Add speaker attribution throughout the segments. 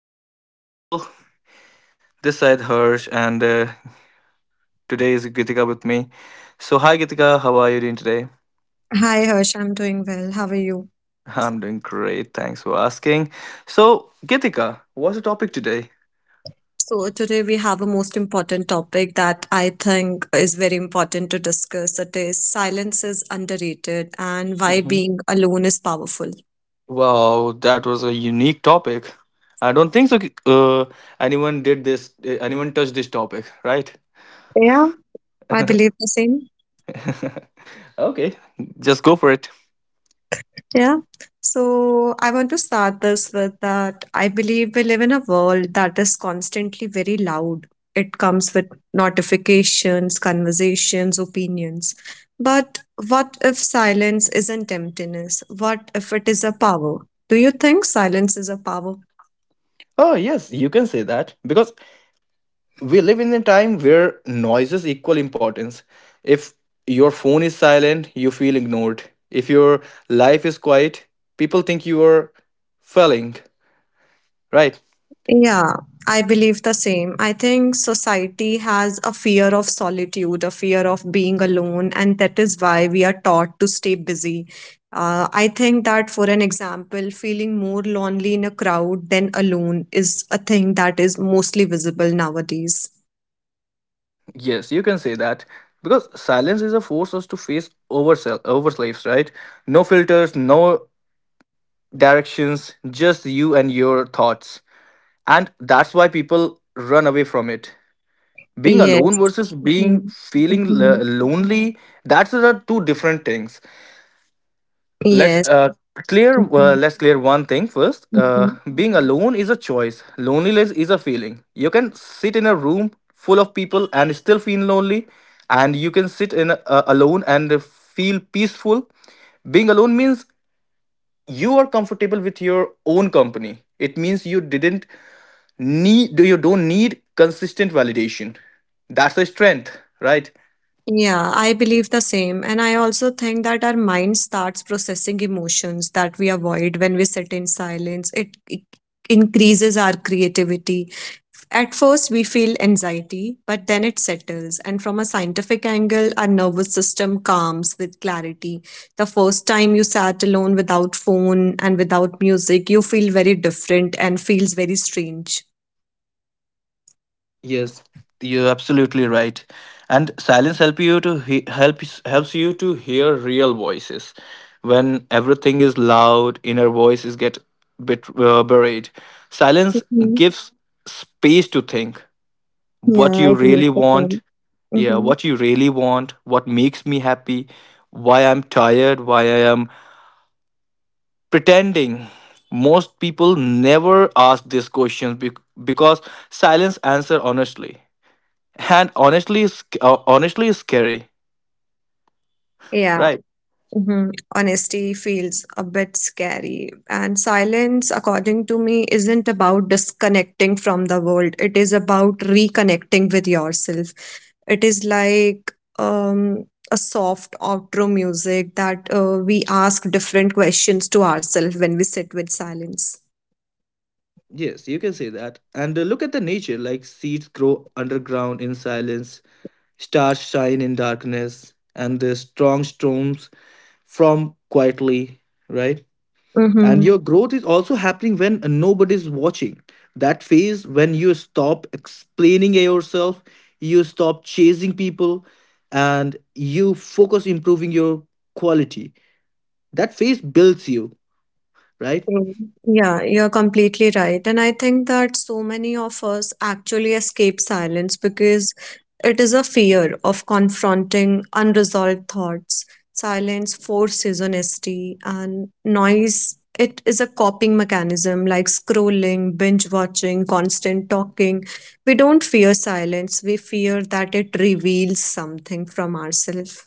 Speaker 1: people. Hello, people. This side Harsh, and today is Gitika with me. So hi, Gitika. How are you doing today?
Speaker 2: Hi Harsh, I'm doing well. How are you?
Speaker 1: I'm doing great. Thanks for asking. So Gitika, what's the topic today?
Speaker 2: So today we have a most important topic that I think is very important to discuss. It is silence is underrated and why
Speaker 1: Mhm.
Speaker 2: being alone is powerful.
Speaker 1: Wow, that was a unique topic. I don't think so. Uh, anyone did this. Anyone touched this topic, right?
Speaker 2: Yeah, I believe the same.
Speaker 1: Okay, just go for it.
Speaker 2: Yeah. So I want to start this with that I believe we live in a world that is constantly very loud. It comes with notifications, conversations, opinions. But what if silence isn't emptiness? What if it is a power? Do you think silence is a power?
Speaker 1: Oh yes, you can say that, because we live in a time where noises equal importance. If your phone is silent, you feel ignored. If your life is quiet, people think you are failing, right?
Speaker 2: Yeah, I believe the same. I think society has a fear of solitude, a fear of being alone, and that is why we are taught to stay busy. I think that, for an example, feeling more lonely in a crowd than alone is a thing that is mostly visible nowadays.
Speaker 1: Yes, you can say that. Because silence is a force us to face oversell overslaves, right? No filters, no directions, just you and your thoughts. And that's why people run away from it. Being
Speaker 2: Yes.
Speaker 1: alone versus being
Speaker 2: Mhm.
Speaker 1: feeling
Speaker 2: Mhm.
Speaker 1: lonely, that's are two different things. let's
Speaker 2: Yes.
Speaker 1: uh,
Speaker 2: Mhm.
Speaker 1: let's clear one thing first.
Speaker 2: Mhm.
Speaker 1: Being alone is a choice. Loneliness is a feeling. You can sit in a room full of people and still feel lonely, and you can sit in alone and feel peaceful. Being alone means you are comfortable with your own company. It means you didn't need you don't need consistent validation. That's a strength, right?
Speaker 2: Yeah, I believe the same. And I also think that our mind starts processing emotions that we avoid when we sit in silence. It increases our creativity. At first, we feel anxiety, but then it settles. And from a scientific angle, our nervous system calms with clarity. The first time you sat alone without phone and without music, you feel very different and feels very strange.
Speaker 1: Yes, you're absolutely right. And silence helps you to hear real voices. When everything is loud, inner voices get bit buried. Silence
Speaker 2: Mhm.
Speaker 1: gives space to think what
Speaker 2: Yeah, I
Speaker 1: you
Speaker 2: believe
Speaker 1: really
Speaker 2: the same.
Speaker 1: want. Yeah,
Speaker 2: Mm-hmm.
Speaker 1: what you really want, what makes me happy, why I'm tired, why I am pretending. Most people never ask these questions because silence answer honestly, and honestly is scary,
Speaker 2: Yeah.
Speaker 1: right?
Speaker 2: Mhm. Honesty feels a bit scary. And silence, according to me, isn't about disconnecting from the world. It is about reconnecting with yourself. It is like a soft outro music that we ask different questions to ourselves when we sit with silence.
Speaker 1: Yes, you can say that. And look at the nature, like seeds grow underground in silence, stars shine in darkness, and the strong storms form quietly, right? And your growth is also happening when nobody's watching. That phase when you stop explaining yourself, you stop chasing people, and you focus improving your quality. That phase builds you, right?
Speaker 2: True. Yeah, you're completely right. And I think that so many of us actually escape silence because it is a fear of confronting unresolved thoughts. Silence forces honesty, and noise, it is a coping mechanism like scrolling, binge watching, constant talking. We don't fear silence, we fear that it reveals something from ourselves.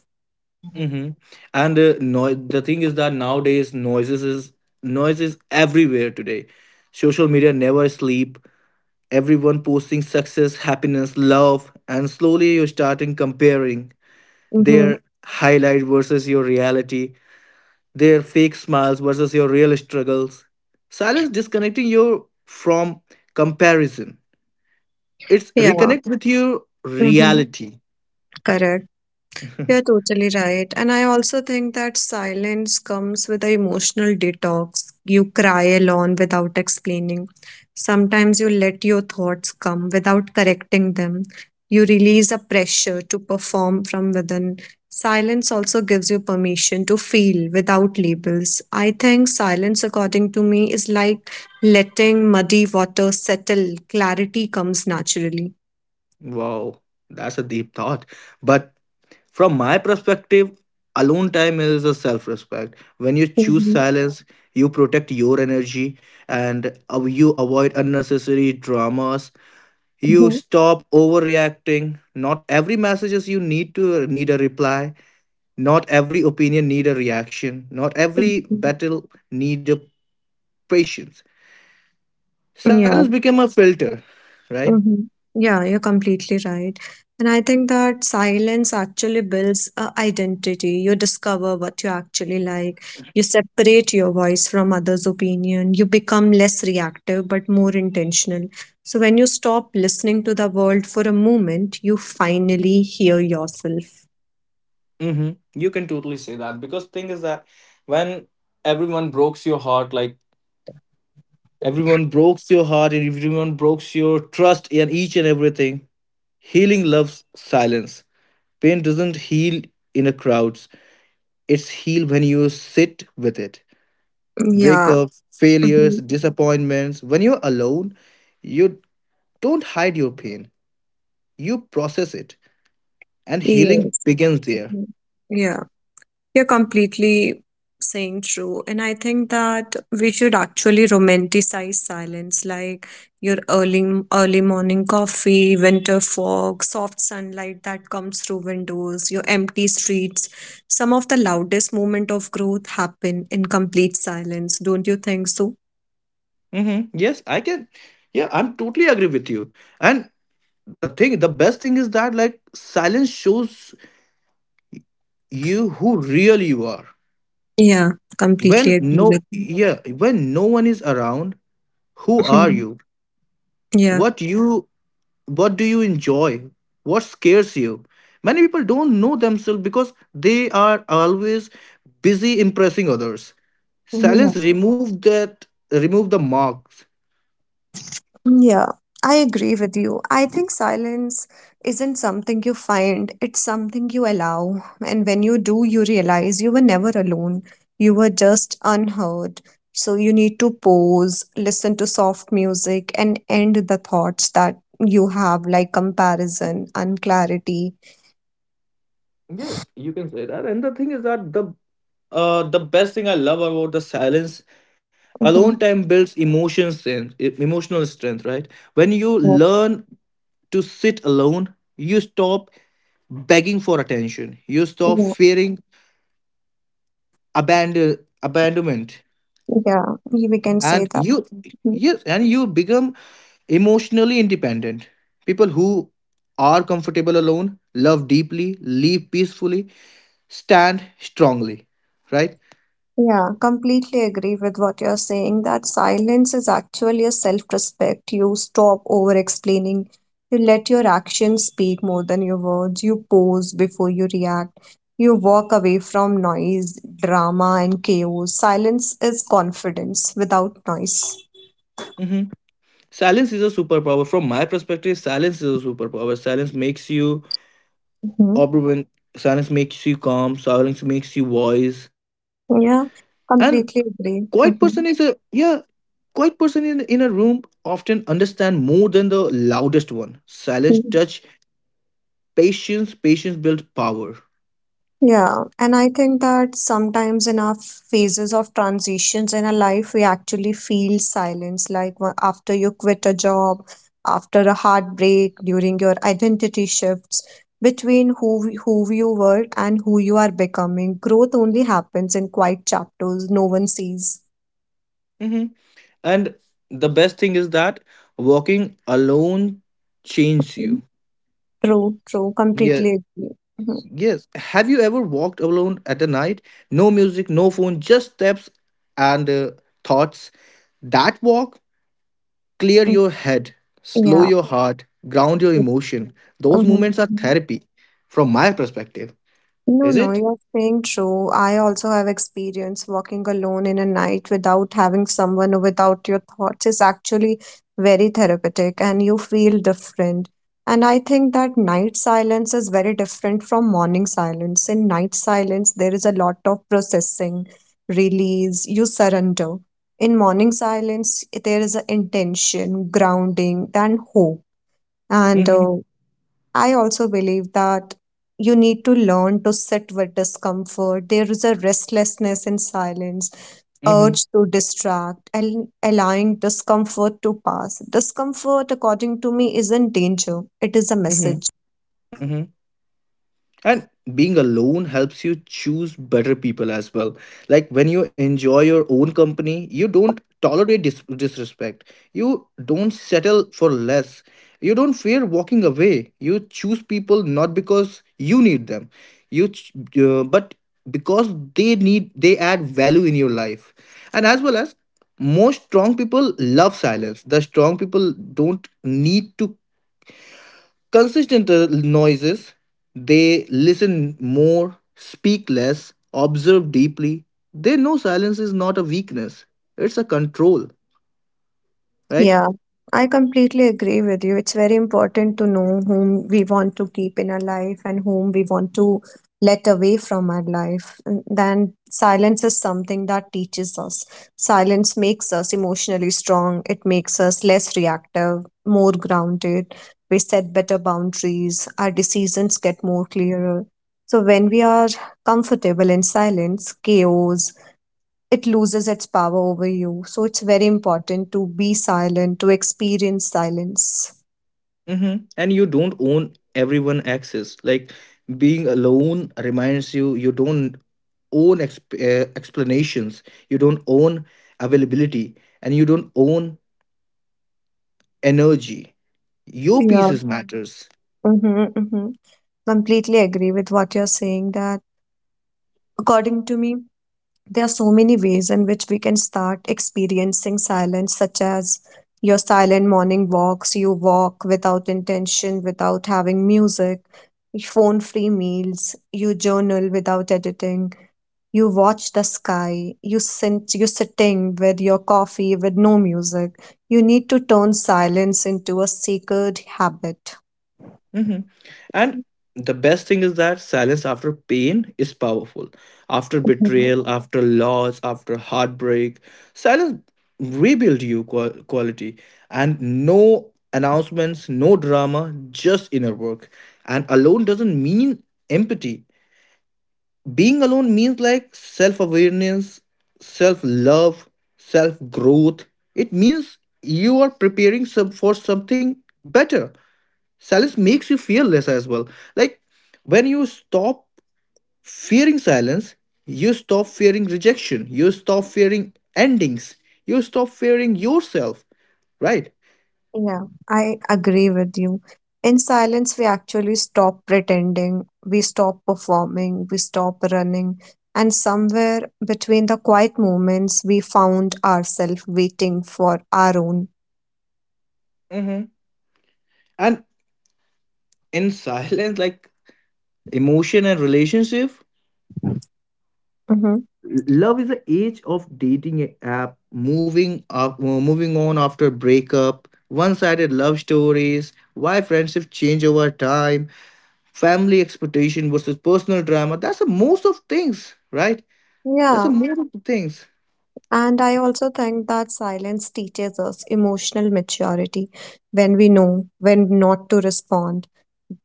Speaker 1: Mm-hmm. And no, the thing is that nowadays noise is everywhere today. Social media never sleep. Everyone posting success, happiness, love, and slowly you're starting comparing
Speaker 2: Mm-hmm.
Speaker 1: their highlight versus your reality, their fake smiles versus your real struggles. Silence disconnecting you from comparison. It's
Speaker 2: Yeah.
Speaker 1: reconnect with your
Speaker 2: Mm-hmm.
Speaker 1: reality.
Speaker 2: Correct. You're totally right. And I also think that silence comes with an emotional detox. You cry alone without explaining. Sometimes you let your thoughts come without correcting them. You release a pressure to perform from within. Silence also gives you permission to feel without labels. I think silence, according to me, is like letting muddy water settle. Clarity comes naturally.
Speaker 1: Wow, that's a deep thought. But from my perspective, alone time is a self respect. When you choose
Speaker 2: Mhm.
Speaker 1: silence, you protect your energy, and you avoid unnecessary dramas. You
Speaker 2: Mhm.
Speaker 1: stop overreacting. Not every messages you need a reply. Not every opinion need a reaction. Not every
Speaker 2: Mhm.
Speaker 1: battle need a patience. Silence
Speaker 2: Yeah.
Speaker 1: become a filter, right?
Speaker 2: Mhm. Yeah, you're completely right. And I think that silence actually builds a identity. You discover what you actually like. You separate your voice from others' opinion. You become less reactive but more intentional. So when you stop listening to the world for a moment, you finally hear yourself.
Speaker 1: Mm-hmm. You can totally say that, because thing is that when everyone breaks your heart, like everyone breaks your heart and everyone breaks your trust in each and everything, healing loves silence. Pain doesn't heal in a crowds. It's healed when you sit with it.
Speaker 2: Yeah.
Speaker 1: Breakups, failures,
Speaker 2: Mhm.
Speaker 1: disappointments. When you're alone, you don't hide your pain. You process it, and healing
Speaker 2: Yes.
Speaker 1: begins there.
Speaker 2: Mhm. Yeah. You're completely saying true. And I think that we should actually romanticize silence, like your early morning coffee, winter fog, soft sunlight that comes through windows, your empty streets. Some of the loudest moment of growth happen in complete silence. Don't you think so?
Speaker 1: Mm-hmm. Yes, I can. Yeah, I'm totally agree with you. And the best thing is that like silence shows you who really you are.
Speaker 2: Yeah,
Speaker 1: When
Speaker 2: completely agree
Speaker 1: no
Speaker 2: with you.
Speaker 1: Yeah, when no one is around, who are
Speaker 2: Mhm.
Speaker 1: you,
Speaker 2: Yeah.
Speaker 1: what you what do you enjoy, what scares you? Many people don't know themselves because they are always busy impressing others. Silence remove the marks.
Speaker 2: Yeah, I agree with you. I think silence isn't something you find, it's something you allow. And when you do, you realize you were never alone. You were just unheard. So you need to pause, listen to soft music, and end the thoughts that you have, like comparison, unclarity.
Speaker 1: Yes, you can say that. And the thing is that the best thing I love about the silence, alone
Speaker 2: Mm-hmm.
Speaker 1: time builds emotional strength, right? When you
Speaker 2: Yeah,
Speaker 1: learn to sit alone, you stop begging for attention, you stop
Speaker 2: yeah,
Speaker 1: fearing abandon abandonment,
Speaker 2: yeah, we can say
Speaker 1: and
Speaker 2: that.
Speaker 1: you
Speaker 2: Mm-hmm.
Speaker 1: yes and you become emotionally independent. People who are comfortable alone love deeply, live peacefully, stand strongly, right?
Speaker 2: Yeah, completely agree with what you're saying that silence is actually a self-respect. You stop over-explaining. You let your actions speak more than your words. You pause before you react. You walk away from noise, drama, and chaos. Silence is confidence without noise.
Speaker 1: Hmm. Silence is a superpower. From my perspective, silence is a superpower.
Speaker 2: Hmm.
Speaker 1: Opera when Silence makes you calm, silence makes you wise.
Speaker 2: Yeah,
Speaker 1: And
Speaker 2: completely
Speaker 1: quiet
Speaker 2: agree.
Speaker 1: person is a yeah, quiet person in a room often understand more than the loudest one. Silence
Speaker 2: Hmm.
Speaker 1: touch patience, patience build power.
Speaker 2: Yeah, and I think that sometimes in our phases of transitions in our life, we actually feel silence, like after you quit a job, after a heartbreak, during your identity shifts between who you were and who you are becoming. Growth only happens in quiet chapters no one sees.
Speaker 1: Hmm. And the best thing is that walking alone changes you.
Speaker 2: True, true,
Speaker 1: Yeah,
Speaker 2: completely agree. Mhm.
Speaker 1: yes. Have you ever walked alone at the night? No music, no phone, just steps and thoughts. That walk clear your head, slow
Speaker 2: Yeah.
Speaker 1: your heart, ground your emotion. Those
Speaker 2: Mhm.
Speaker 1: moments are
Speaker 2: Mhm.
Speaker 1: therapy, from my perspective.
Speaker 2: No,
Speaker 1: Is
Speaker 2: no,
Speaker 1: it?
Speaker 2: you're saying true. I also have experience walking alone in a night without having someone or without your thoughts is actually very therapeutic and you feel different. And I think that night silence is very different from morning silence. In night silence, there is a lot of processing, release, you surrender. In morning silence, there is an intention, grounding, and hope. And
Speaker 1: Mm-hmm.
Speaker 2: I also believe that you need to learn to sit with discomfort. There is a restlessness in silence, urge
Speaker 1: Mm-hmm.
Speaker 2: to distract, and allowing discomfort to pass. Discomfort, according to me, isn't danger, it is a
Speaker 1: Mm-hmm.
Speaker 2: message.
Speaker 1: And being alone helps you choose better people as well. Like when you enjoy your own company, you don't tolerate disrespect. You don't settle for less. You don't fear walking away. You choose people not because you need them, but because they add value in your life. And as well as most strong people love silence. The strong people don't need to consistent noises, they listen more, speak less, observe deeply. They know silence is not a weakness, it's a control, right?
Speaker 2: Yeah, I completely agree with you. It's very important to know whom we want to keep in our life and whom we want to let away from our life. And then silence is something that teaches us. Silence makes us emotionally strong, it makes us less reactive, more grounded. We set better boundaries, our decisions get more clearer. So, when we are comfortable in silence, chaos, it loses its power over you. So it's very important to be silent, to experience silence.
Speaker 1: Hmm. And you don't own everyone access. Like being alone reminds you you don't own explanations, you don't own availability, and you don't own energy. Your
Speaker 2: Yeah.
Speaker 1: pieces matters.
Speaker 2: Mm-hmm, mm-hmm. Completely agree with what you're saying that according to me, there are so many ways in which we can start experiencing silence, such as your silent morning walks, you walk without intention, without having music, phone free meals, you journal without editing. You watch the sky. You sitting with your coffee with no music. You need to turn silence into a sacred habit.
Speaker 1: Mhm. And the best thing is that silence after pain is powerful. After
Speaker 2: Mhm.
Speaker 1: betrayal, after loss, after heartbreak, silence rebuild you quality. And no announcements, no drama, just inner work. And alone doesn't mean empathy. Being alone means like self awareness, self love, self growth. It means you are preparing for something better. Silence makes you feel less as well, like when you stop fearing silence, you stop fearing rejection, you stop fearing endings, you stop fearing yourself, right?
Speaker 2: Yeah, I agree with you. In silence, we actually stop pretending, we stop performing, we stop running. And somewhere between the quiet moments, we found ourselves waiting for our own.
Speaker 1: Hmm. And in silence, like emotion and relationship
Speaker 2: Mhm.
Speaker 1: love is the age of dating app, moving on after breakup, one-sided love stories, why friendships change over time, family expectation versus personal drama, that's the most of things, right? that's the
Speaker 2: Yeah.
Speaker 1: most of the things
Speaker 2: And I also think that silence teaches us emotional maturity when we know when not to respond,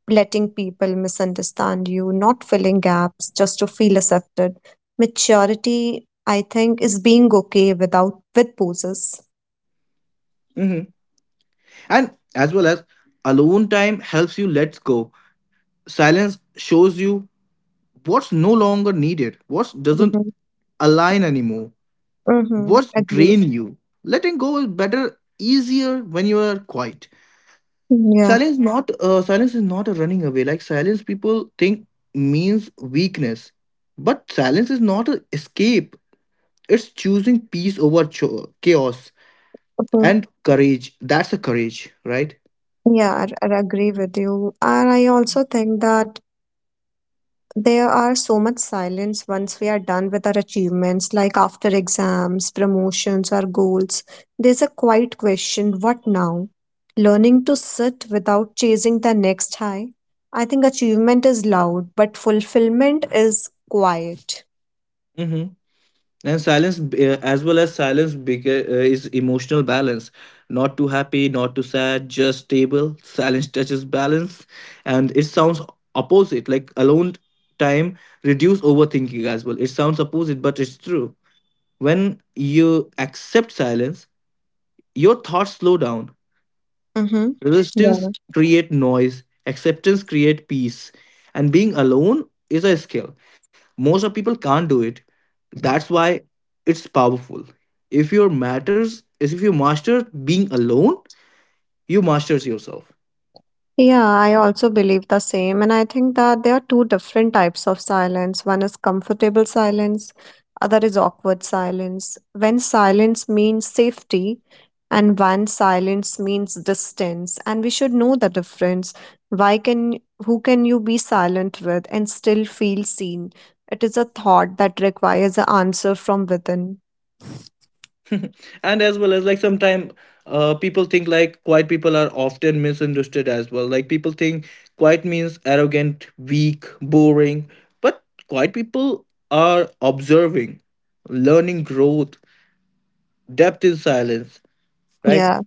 Speaker 2: letting people misunderstand you, not filling gaps just to feel accepted. Maturity, I think, is being okay without with poses.
Speaker 1: Hmm. And as well as alone time helps you let go. Silence shows you what's no longer needed, what doesn't
Speaker 2: Mm-hmm.
Speaker 1: align anymore.
Speaker 2: Mm-hmm.
Speaker 1: What's
Speaker 2: Agree.
Speaker 1: drain you? Letting go is better, easier when you are quiet.
Speaker 2: Yeah.
Speaker 1: Silence is not a running away. Like silence, people think means weakness, but silence is not an escape. It's choosing peace over chaos
Speaker 2: Mhm.
Speaker 1: and courage. That's a courage, right?
Speaker 2: Yeah, I agree with you. And I also think that there are so much silence once we are done with our achievements, like after exams, promotions, or goals. There's a quiet question what now? Learning to sit without chasing the next high. I think achievement is loud, but fulfillment is quiet.
Speaker 1: Mm-hmm. And silence, as well as silence, is emotional balance. Not too happy, not too sad, just stable. Silence touches balance, and it sounds opposite. Like alone time reduce overthinking as well. It sounds opposite, but it's true. When you accept silence, your thoughts slow down.
Speaker 2: Mm-hmm.
Speaker 1: Resistance
Speaker 2: Yeah.
Speaker 1: create noise, acceptance create peace, and being alone is a skill. Most of people can't do it. That's why it's powerful. If you master being alone, you masters yourself.
Speaker 2: Yeah, I also believe the same. And I think that there are two different types of silence. One is comfortable silence, other is awkward silence. When silence means safety, and when silence means distance, and we should know the difference. Why can who can you be silent with and still feel seen? It is a thought that requires an answer from within.
Speaker 1: And as well as like sometimes people think like quiet people are often misunderstood as well. Like people think quiet means arrogant, weak, boring, but quiet people are observing, learning growth, depth in silence, right?
Speaker 2: Yeah.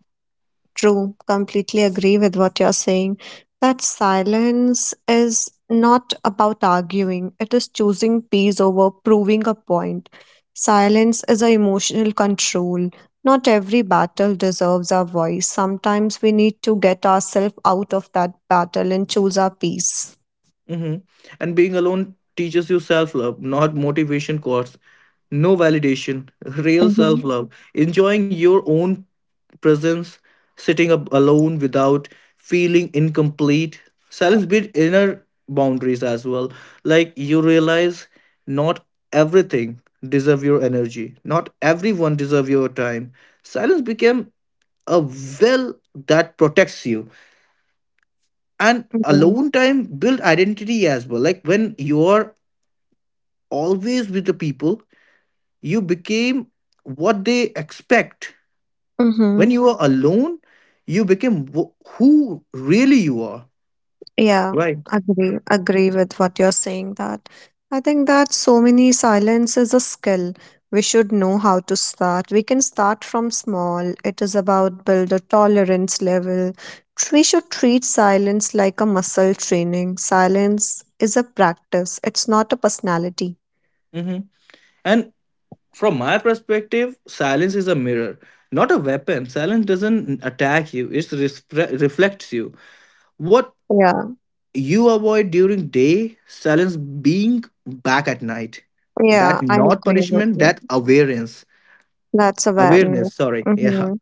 Speaker 2: True, completely agree with what you're saying. That silence is not about arguing, it is choosing peace over proving a point. Silence is a emotional control. Not every battle deserves our voice. Sometimes we need to get ourselves out of that battle and choose our peace.
Speaker 1: Hmm. And being alone teaches you self love, not motivation course, no validation, real self
Speaker 2: Mm-hmm.
Speaker 1: love, enjoying your own presence, sitting up alone without feeling incomplete. Silence build inner boundaries as well. Like you realize not everything deserve your energy. Not everyone deserve your time. Silence became a well that protects you. And
Speaker 2: Yeah.
Speaker 1: alone time build identity as well, like when you are always with the people, you became what they expect.
Speaker 2: Mm-hmm.
Speaker 1: When you are alone, you became who really you are,
Speaker 2: Yeah,
Speaker 1: right?
Speaker 2: agree, agree with what you're saying that. I think that so many silence is a skill. We should know how to start. We can start from small. It is about build a tolerance level. We should treat silence like a muscle training. Silence is a practice. It's not a personality.
Speaker 1: Hmm. And from my perspective, silence is a mirror, not a weapon. Silence doesn't attack you, it reflects you. What
Speaker 2: Yeah,
Speaker 1: you avoid during day silence being back at night,
Speaker 2: yeah,
Speaker 1: that
Speaker 2: I
Speaker 1: not
Speaker 2: agree with
Speaker 1: punishment,
Speaker 2: you.
Speaker 1: that awareness.
Speaker 2: That's awareness.
Speaker 1: Awareness, sorry. Yeah.
Speaker 2: Mm-hmm.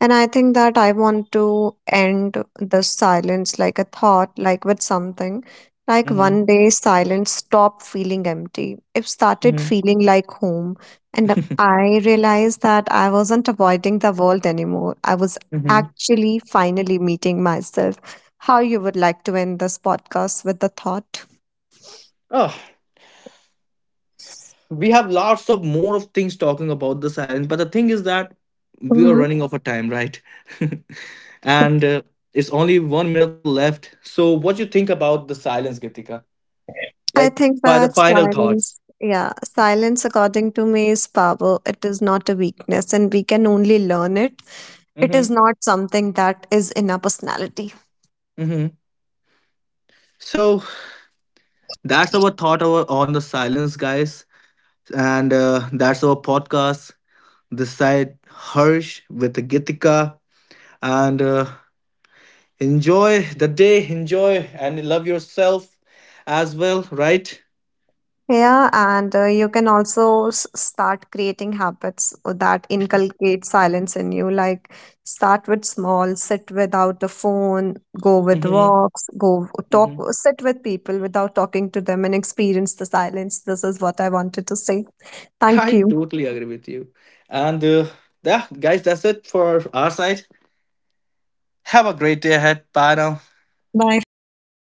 Speaker 2: And I think that I want to end the silence like a thought, like with something. Like
Speaker 1: Mm-hmm.
Speaker 2: one day, silence stopped feeling empty. It started
Speaker 1: Mm-hmm.
Speaker 2: feeling like home. And I realized that I wasn't avoiding the world anymore. I was
Speaker 1: Mm-hmm.
Speaker 2: actually finally meeting myself. How you would like to end this podcast with the thought?
Speaker 1: Oh, we have lots of more of things talking about the silence, but the thing is that we are
Speaker 2: Hmm.
Speaker 1: running out of time, right? And it's only 1 minute left. So, what you think about the silence, Gitika?
Speaker 2: I
Speaker 1: Like,
Speaker 2: think
Speaker 1: by the
Speaker 2: that
Speaker 1: final thoughts.
Speaker 2: silence, yeah, silence, according to me, is power. It is not a weakness, and we can only learn it. It is
Speaker 1: Mm-hmm.
Speaker 2: not something that is in our personality.
Speaker 1: Mm-hmm. So that's on the silence, guys, and that's our podcast. This side Harsh with Gitika, and enjoy the day, enjoy and love yourself as well, right?
Speaker 2: Yeah, and you can also start creating habits that inculcate silence in you. Like start with small, sit without a phone, go with
Speaker 1: Hmm.
Speaker 2: walks, go talk,
Speaker 1: Hmm.
Speaker 2: sit with people without talking to them, and experience the silence. This is what I wanted to say.
Speaker 1: I
Speaker 2: Thank you.
Speaker 1: totally agree with you. And yeah, guys, that's it for our side. Have a great day ahead. Bye now.
Speaker 2: Bye for now.